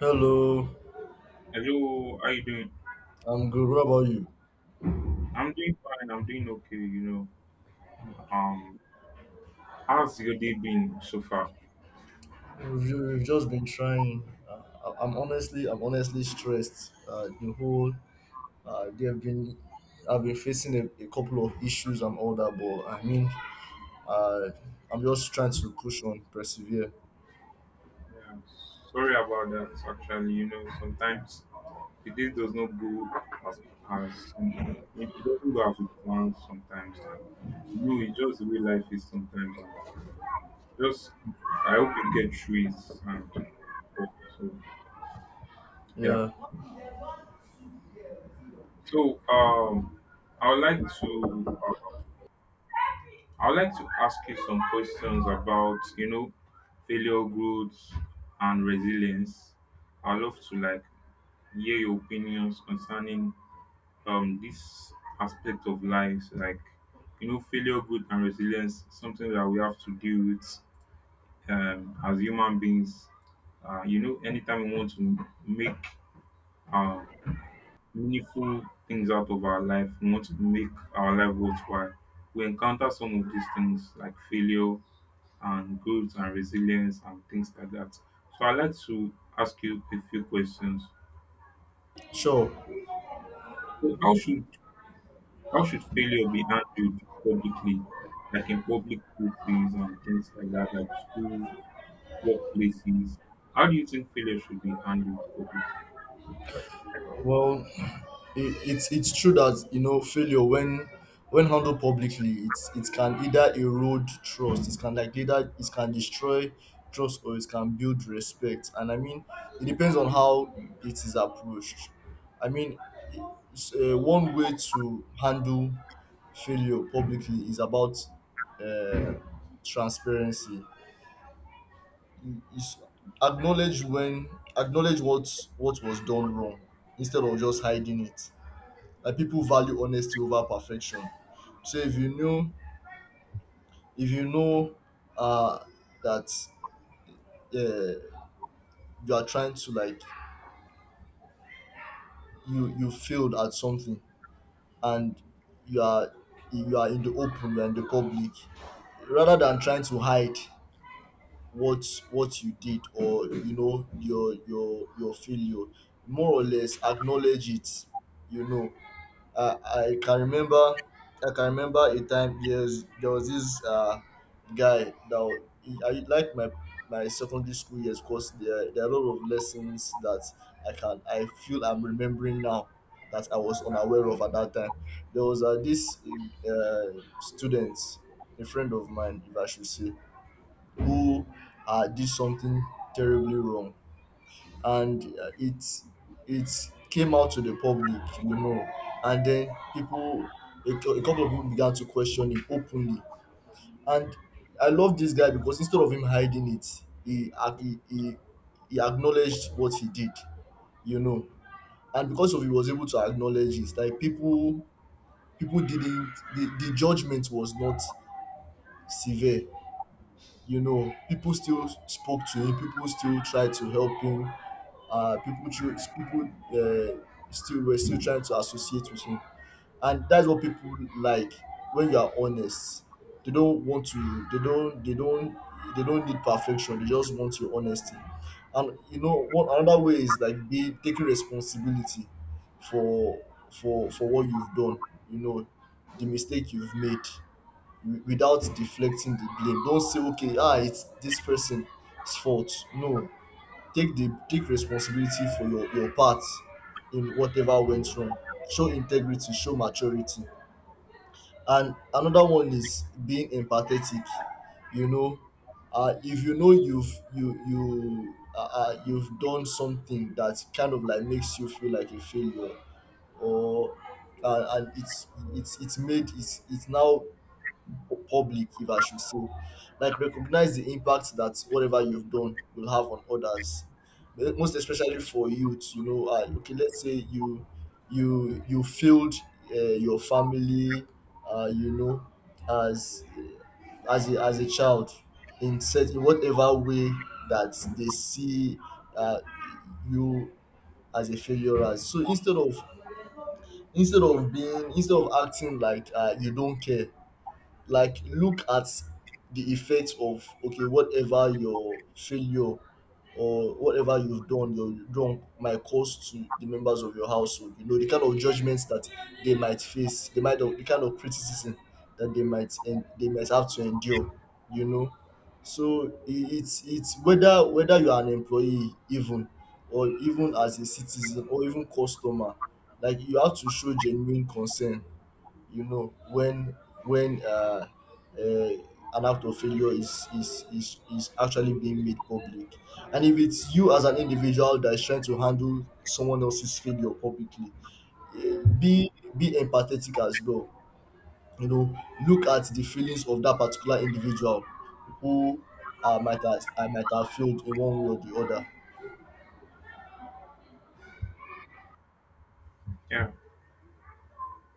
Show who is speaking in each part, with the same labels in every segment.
Speaker 1: Hello,
Speaker 2: Hello, how you doing?
Speaker 1: I'm good. What about you?
Speaker 2: I'm doing fine. I'm doing okay. You know, um, how's your day been so far?
Speaker 1: We've just been trying. I'm honestly stressed. The whole, they have been, I've been facing a couple of issues and all that. But I mean, uh, I'm just trying to push on, persevere.
Speaker 2: Yeah, sorry about that. Actually, you know, sometimes the day does not go as as it doesn't go as we plan sometimes, and you know, it's just the way life is sometimes. And just I hope you get through it. And so yeah.
Speaker 1: Yeah,
Speaker 2: So I would like to I would like to ask you some questions about, you know, failure, growth, and resilience. I'd love to like hear your opinions concerning this aspect of life, like you know, failure, growth, and resilience. Something that we have to deal with as human beings. You know, anytime we want to make uh, meaningful things out of our life. We want to make our life worthwhile. We encounter some of these things like failure and growth and resilience and things like that. So I'd like to ask you a few questions.
Speaker 1: sure.
Speaker 2: So how should failure be handled publicly? Like in public places and things like that, like schools, workplaces. How do you think failure should be handled publicly?
Speaker 1: Well, it's true that you know failure when handled publicly, it's it can either erode trust, it can like either it can destroy trust, or it can build respect. And I mean, it depends on how it is approached. I mean, one way to handle failure publicly is about uh, transparency. Is Acknowledge when acknowledge what was done wrong instead of just hiding it, like people value honesty over perfection. So if you know uh that uh, you are trying to like you failed at something, and you are you are in the open, you are in the public, rather than trying to hide what what you did, or you know, your failure, more or less acknowledge it, you know. Uh, I can remember, I can remember a time. Yes, there was this guy that I like my secondary school years, because there are a lot of lessons that I feel I'm remembering now, that I was unaware of at that time. There was this student, a friend of mine, if I should say, who did something terribly wrong, and it came out to the public, you know, and then people a couple of people began to question him openly, and I love this guy because instead of him hiding it, he ac- he he, he acknowledged what he did, you know, and because of he was able to acknowledge it, like people didn't, the judgment was not severe, you know, people still spoke to him, people still tried to help him, people choose people still were still trying to associate with him. And that's what people like, when you are honest, they don't want to, they don't need perfection, they just want your honesty. And you know, one another way is like be taking responsibility for for what you've done, you know, the mistake you've made, without deflecting the blame. Don't say, okay, ah, it's this person's fault. No, take the, take responsibility for your part in whatever went wrong. Show integrity, show maturity. And another one is being empathetic. You know, if you know you've you've done something that kind of like makes you feel like a failure, or and it's made it's now or public, if I should say, like recognize the impact that whatever you've done will have on others. Eh, most especially for youth, you know, okay, let's say you, you failed your family, you know, as a, as a child, in set, in whatever way that they see uh, you as a failure, as so instead of, instead of being instead of acting like you don't care, like look at the effect of, okay, whatever your failure or whatever you've done, your wrong might cause to the members of your household, you know, the kind of judgments that they might face, the kind of criticism that they might, and they might have to endure, you know. So it's whether you are an employee even, or even as a citizen or even customer, like you have to show genuine concern, you know, when when uh, uh, an act of failure is is actually being made public. And if it's you as an individual that is trying to handle someone else's failure publicly, eh, be empathetic as well, you know, look at the feelings of that particular individual who I might have failed in one way or the other.
Speaker 2: Yeah.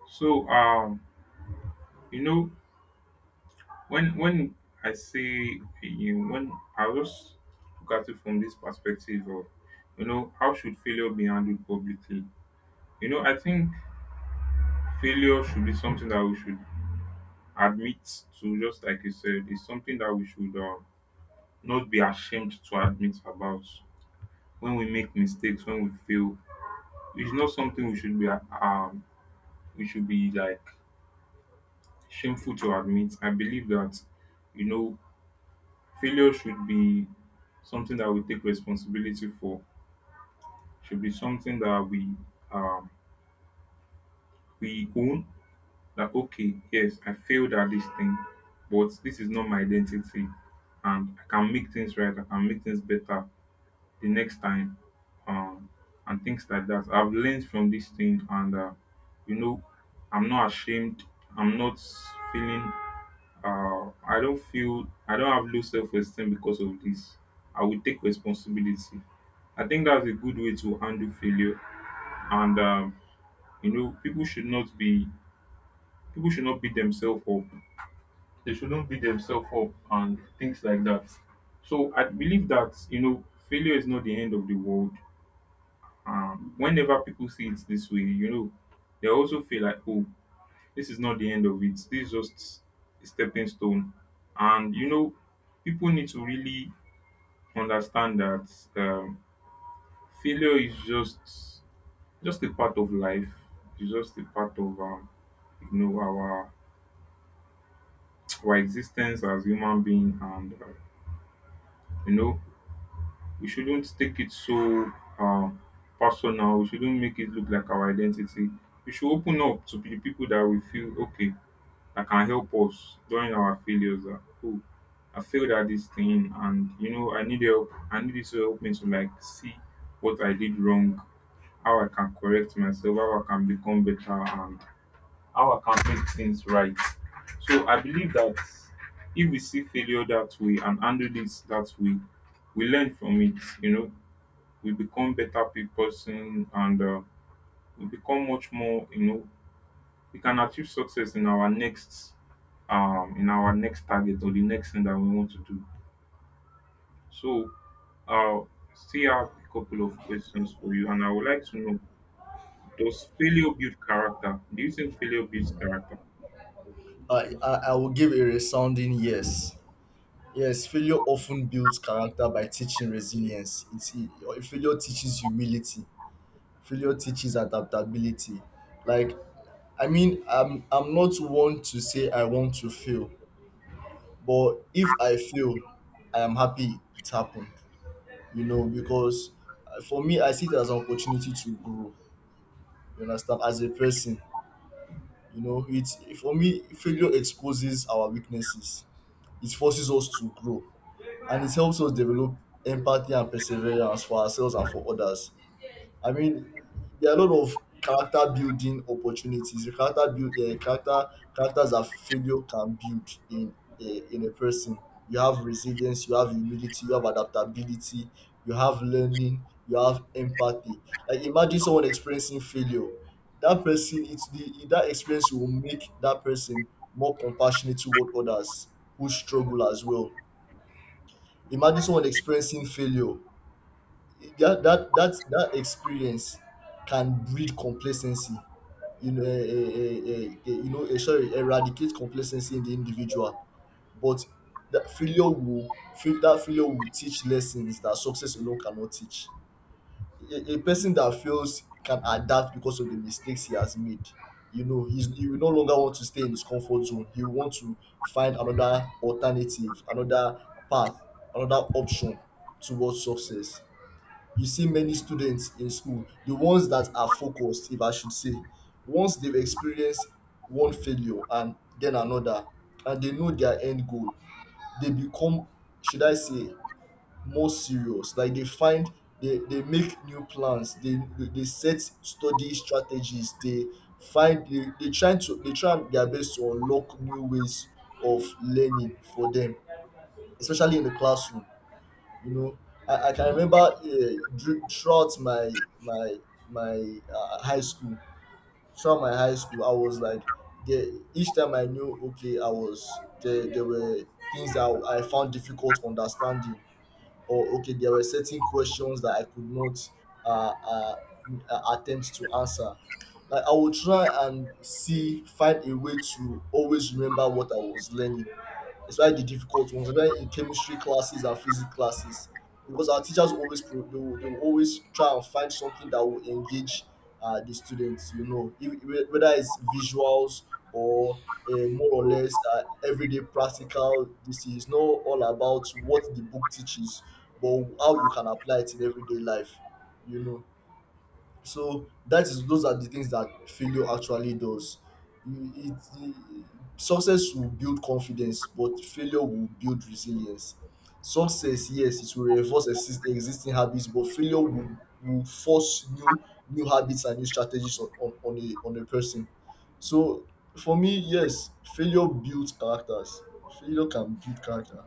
Speaker 2: So you know, when I say you know, when I just look at it from this perspective of you know how should failure be handled publicly? You know, I think failure should be something that we should admit to, just like you said, it's something that we should not be ashamed to admit about. When we make mistakes, when we fail, it's not something we should be like shameful to admit. I believe that you know failure should be something that we take responsibility for, should be something that um we own that okay, yes, I failed at this thing, but this is not my identity and I can make things right, I can make things better the next time. Um and things like that. I've learned from this thing and you know, I'm not ashamed, I'm not feeling I don't feel I don't have low self esteem because of this. I will take responsibility. I think that's a good way to handle failure. And you know, people should not be people should not beat themselves up. They shouldn't beat themselves up and things like that. So I believe that you know, failure is not the end of the world. Whenever people see it this way, you know, they also feel like, oh, this is not the end of it. This is just a stepping stone. And you know, people need to really understand that um, failure is just a part of life. It's just a part of you know our existence as human being, and you know we shouldn't take it so uh, personal. We shouldn't make it look like our identity. We should open up to the people that we feel okay, that can help us during our failures that oh I failed at this thing and you know I need help I need you to help me to like see what I did wrong, how I can correct myself, how I can become better and how I can make things right. So I believe that if we see failure that way and handle this that way, we learn from it, you know, we become better pe- person and we become much more, you know, we can achieve success in our next target or the next thing that we want to do. So uh still have a couple of questions for you and I would like to know, does failure build character? Do you think failure builds character?
Speaker 1: I will give a resounding yes. Yes, failure often builds character by teaching resilience. Failure teaches humility. Failure teaches adaptability. Like I mean, I'm not one to say I want to fail, but if I fail, I am happy it happened. You know, because for me, I see it as an opportunity to grow. You understand, as a person, you know, it's for me failure exposes our weaknesses. It forces us to grow, and it helps us develop empathy and perseverance for ourselves and for others. I mean, there are a lot of character building opportunities. The characters that failure can build in in a person. You have resilience, you have humility, you have adaptability, you have learning, you have empathy. Like imagine someone experiencing failure. That person, it's the that experience will make that person more compassionate toward others who struggle as well. Imagine someone experiencing failure, that that experience can breed complacency. You know, eh, eh, eh, eh, eh, eh, you know eh, sorry, eradicate complacency in the individual. But that failure will that failure will teach lessons that success alone cannot teach. A person that fails can adapt because of the mistakes he has made. You know, he will no longer want to stay in his comfort zone, he will want to find another alternative, another path, another option towards success. You see many students in school, the ones that are focused, if I should say, once they've experienced one failure and then another, and they know their end goal, they become, should I say, more serious. Like they find, they make new plans, they set study strategies, they find, they try to, they try their best to unlock new ways of learning for them, especially in the classroom, you know. I can remember throughout my my high school. Throughout my high school I was like, there, each time I knew, okay, I was there were things that I found difficult understanding, or okay, there were certain questions that I could not uh, uh, attempt to answer. Like I would try and see, find a way to always remember what I was learning, especially the difficult ones, especially in chemistry classes and physics classes. Because our teachers always they will always try and find something that will engage the students. You know, whether it's visuals or more or less everyday practical. This is not all about what the book teaches, but how you can apply it in everyday life. You know. So that is, those are the things that failure actually does. You- It, it- success will build confidence, but failure will build resilience. Success, yes, it will reinforce existing habits, but will force new new habits and new strategies on, a on a person. So for me, yes, failure builds characters. Failure can build character.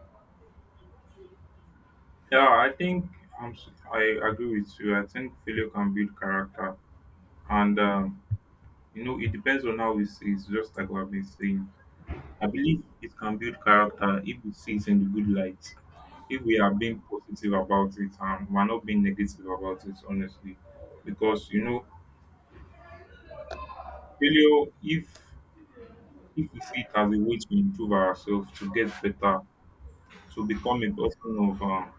Speaker 2: Yeah, I think I agree with you. I think failure can build character, and you know it depends on how we see. It's just like what I've been saying. I believe it can build character if we see it in the good light, if we are being positive about it and we're not being negative about it, honestly. Because, you know, failure, if we see it as a way to improve ourselves, to get better, to become a person of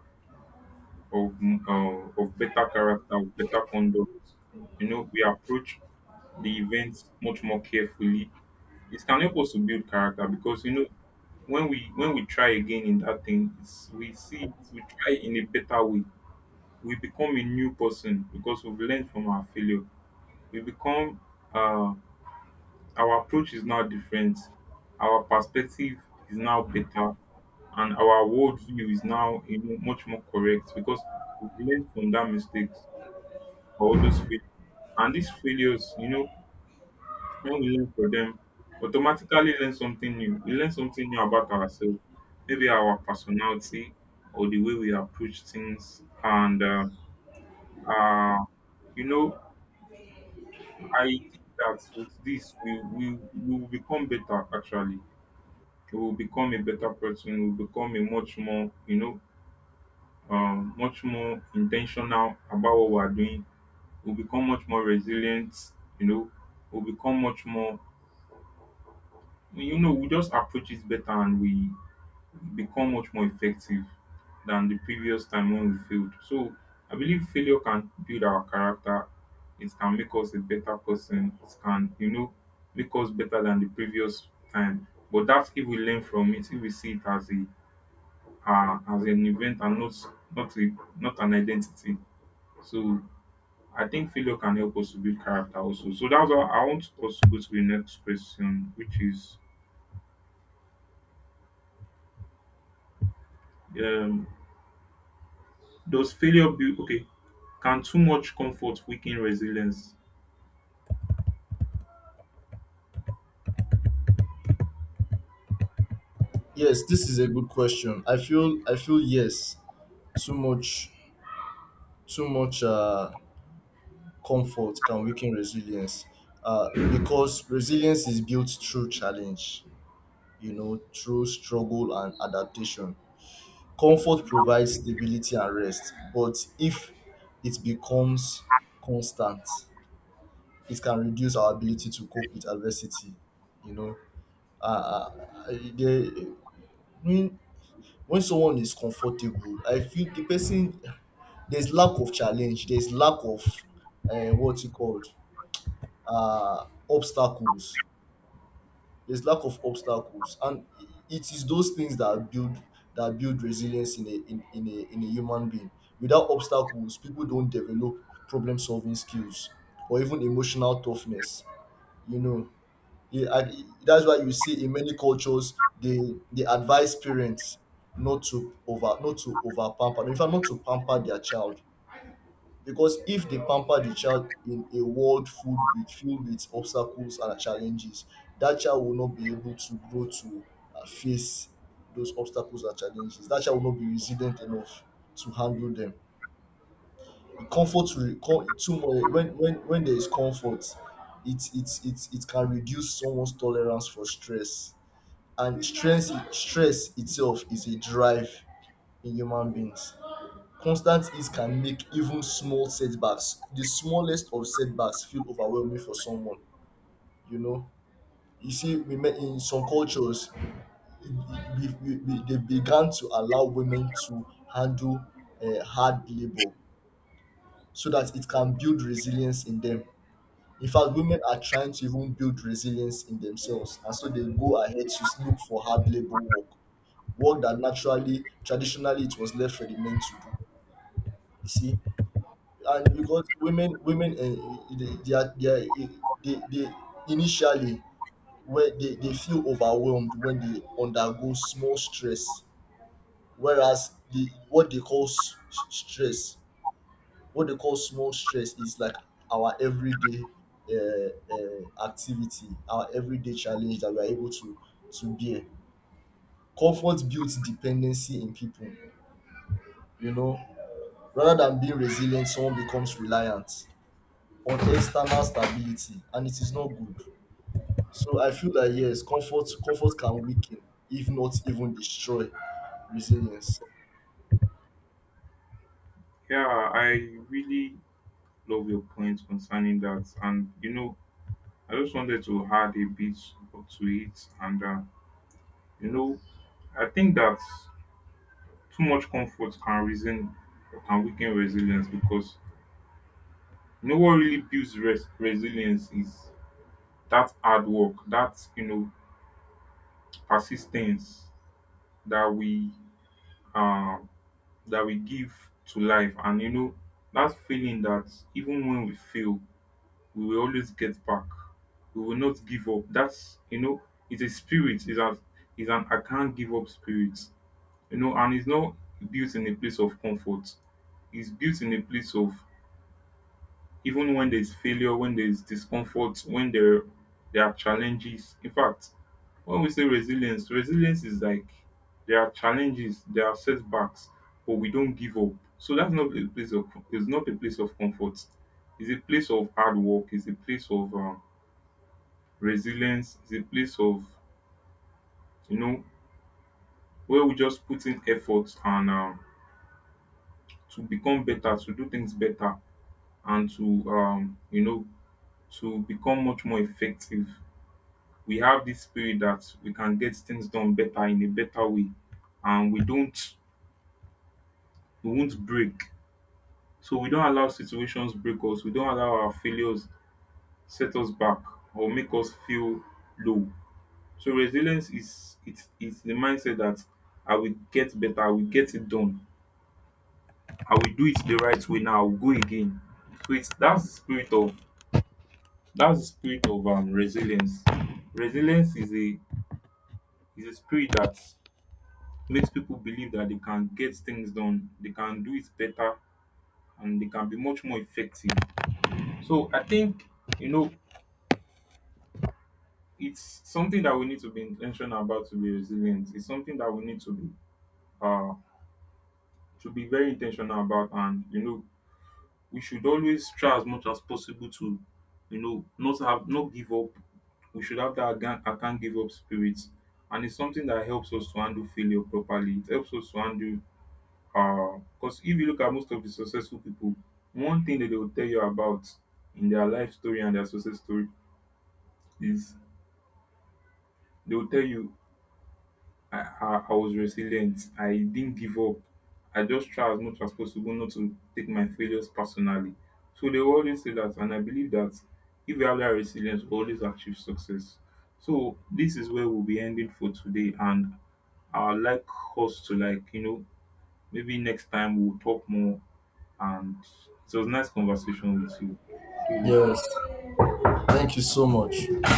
Speaker 2: of, of better character, of better conduct, you know, we approach the events much more carefully. It can help us to build character because, you know, when we try again in that thing it's, we see it, we try in a better way we become a new person because we've learned from our failure we become uh, our approach is now different our perspective is now better and our worldview is now you know, much more correct because we've learned from that mistakes or those failures and these failures you know when we learn for them, automatically learn something new. We learn something new about ourselves, maybe our personality or the way we approach things. And uh, you know, I think that with this, we will become better. Actually, we will become a better person. We will become a much more, you know, much more intentional about what we are doing. We'll become much more resilient. You know, we'll become much more you know we just approach it better and we become much more effective than the previous time when we failed. So I believe failure can build our character. It can make us a better person. It can, you know, make us better than the previous time. But that's if we learn from it, if we see it as a as an event and not a, not an identity. So I think failure can help us to build character also. So that's why I want us to go to the next question, which is um does failure build okay, can too much comfort weaken resilience?
Speaker 1: Yes, this is a good question. I feel yes. Too much Too much comfort can weaken resilience, uh, because resilience is built through challenge, you know, through struggle and adaptation. Comfort provides stability and rest, but if it becomes constant, it can reduce our ability to cope with adversity, you know. Uh, uh, the, when, when someone is comfortable, I feel the person, there's lack of challenge, there's lack of what's it called, obstacles. There's lack of obstacles, and it is those things that build, that build resilience in a human being. Without obstacles, people don't develop problem solving skills or even emotional toughness. You know, yeah, that's why you see in many cultures they advise parents not to over, not to over pamper. In fact, not to pamper their child, because if they pamper the child in a world full with filled with obstacles and challenges, that child will not be able to grow to face those obstacles and challenges, that child will not be resilient enough to handle them. The comfort will come too much. When when there is comfort, it can reduce someone's tolerance for stress. And stress itself is a drive in human beings. Constant ease can make even small setbacks, the smallest of setbacks, feel overwhelming for someone. You know, you see, we met in some cultures, we, they began to allow women to handle hard labor, so that it can build resilience in them. In fact, women are trying to even build resilience in themselves, and so they go ahead to look for hard labor work, work that naturally, traditionally, it was left for the men to do. You see, and because women they are, they, are, eh, they initially, where they feel overwhelmed when they undergo small stress, whereas the what they call stress, what they call small stress is like our everyday activity, our everyday challenge that we are able to bear. Comfort builds dependency in people, you know, rather than being resilient, someone becomes reliant on external stability, and it is not good. So I feel that yes, comfort can weaken, if not even destroy, resilience.
Speaker 2: Yeah, I really love your point concerning that. And, you know, I just wanted to add a bit to it. And, you know, I think that too much comfort can reason or can weaken resilience because you know what really builds res- resilience is that hard work, that you know persistence that we uh, that we give to life, and you know that feeling that even when we fail, we will always get back. We will not give up. That's you know, it's a spirit. It's an I can't give up spirit. You know, and it's not built in a place of comfort. It's built in a place of even when there's failure, when there's discomfort, when there are challenges. In fact, when we say resilience, resilience is like there are challenges, there are setbacks, but we don't give up. So that's not a place of it's not a place of comfort. It's a place of hard work. It's a place of resilience is a place of you know where we just put in effort and to become better, to do things better, and to you know to become much more effective. We have this spirit that we can get things done better in a better way, and we don't we won't break. So we don't allow situations break us. We don't allow our failures set us back or make us feel low. So resilience is it's the mindset that I will get better, I will get it done I will do it the right way now. I will go again. So it's that's the spirit of resilience. Resilience is a spirit that makes people believe that they can get things done, they can do it better, and they can be much more effective. So I think you know it's something that we need to be intentional about to be resilient. It's something that we need uh to be very intentional about and you know we should always try as much as possible to you know not have not give up we should have that I can't give up spirit and it's something that helps us to handle failure properly it helps us to handle because if you look at most of the successful people one thing that they will tell you about in their life story and their success story is they will tell you I was resilient. I didn't give up. I just tried as much as possible not to take my failures personally. So they will always say that, and I believe that if you have that resilience, you will always achieve success. So this is where we'll be ending for today, and I like us to like you know maybe next time we'll talk more. And it was nice conversation with you. See you
Speaker 1: Yes.
Speaker 2: later.
Speaker 1: Thank you so much.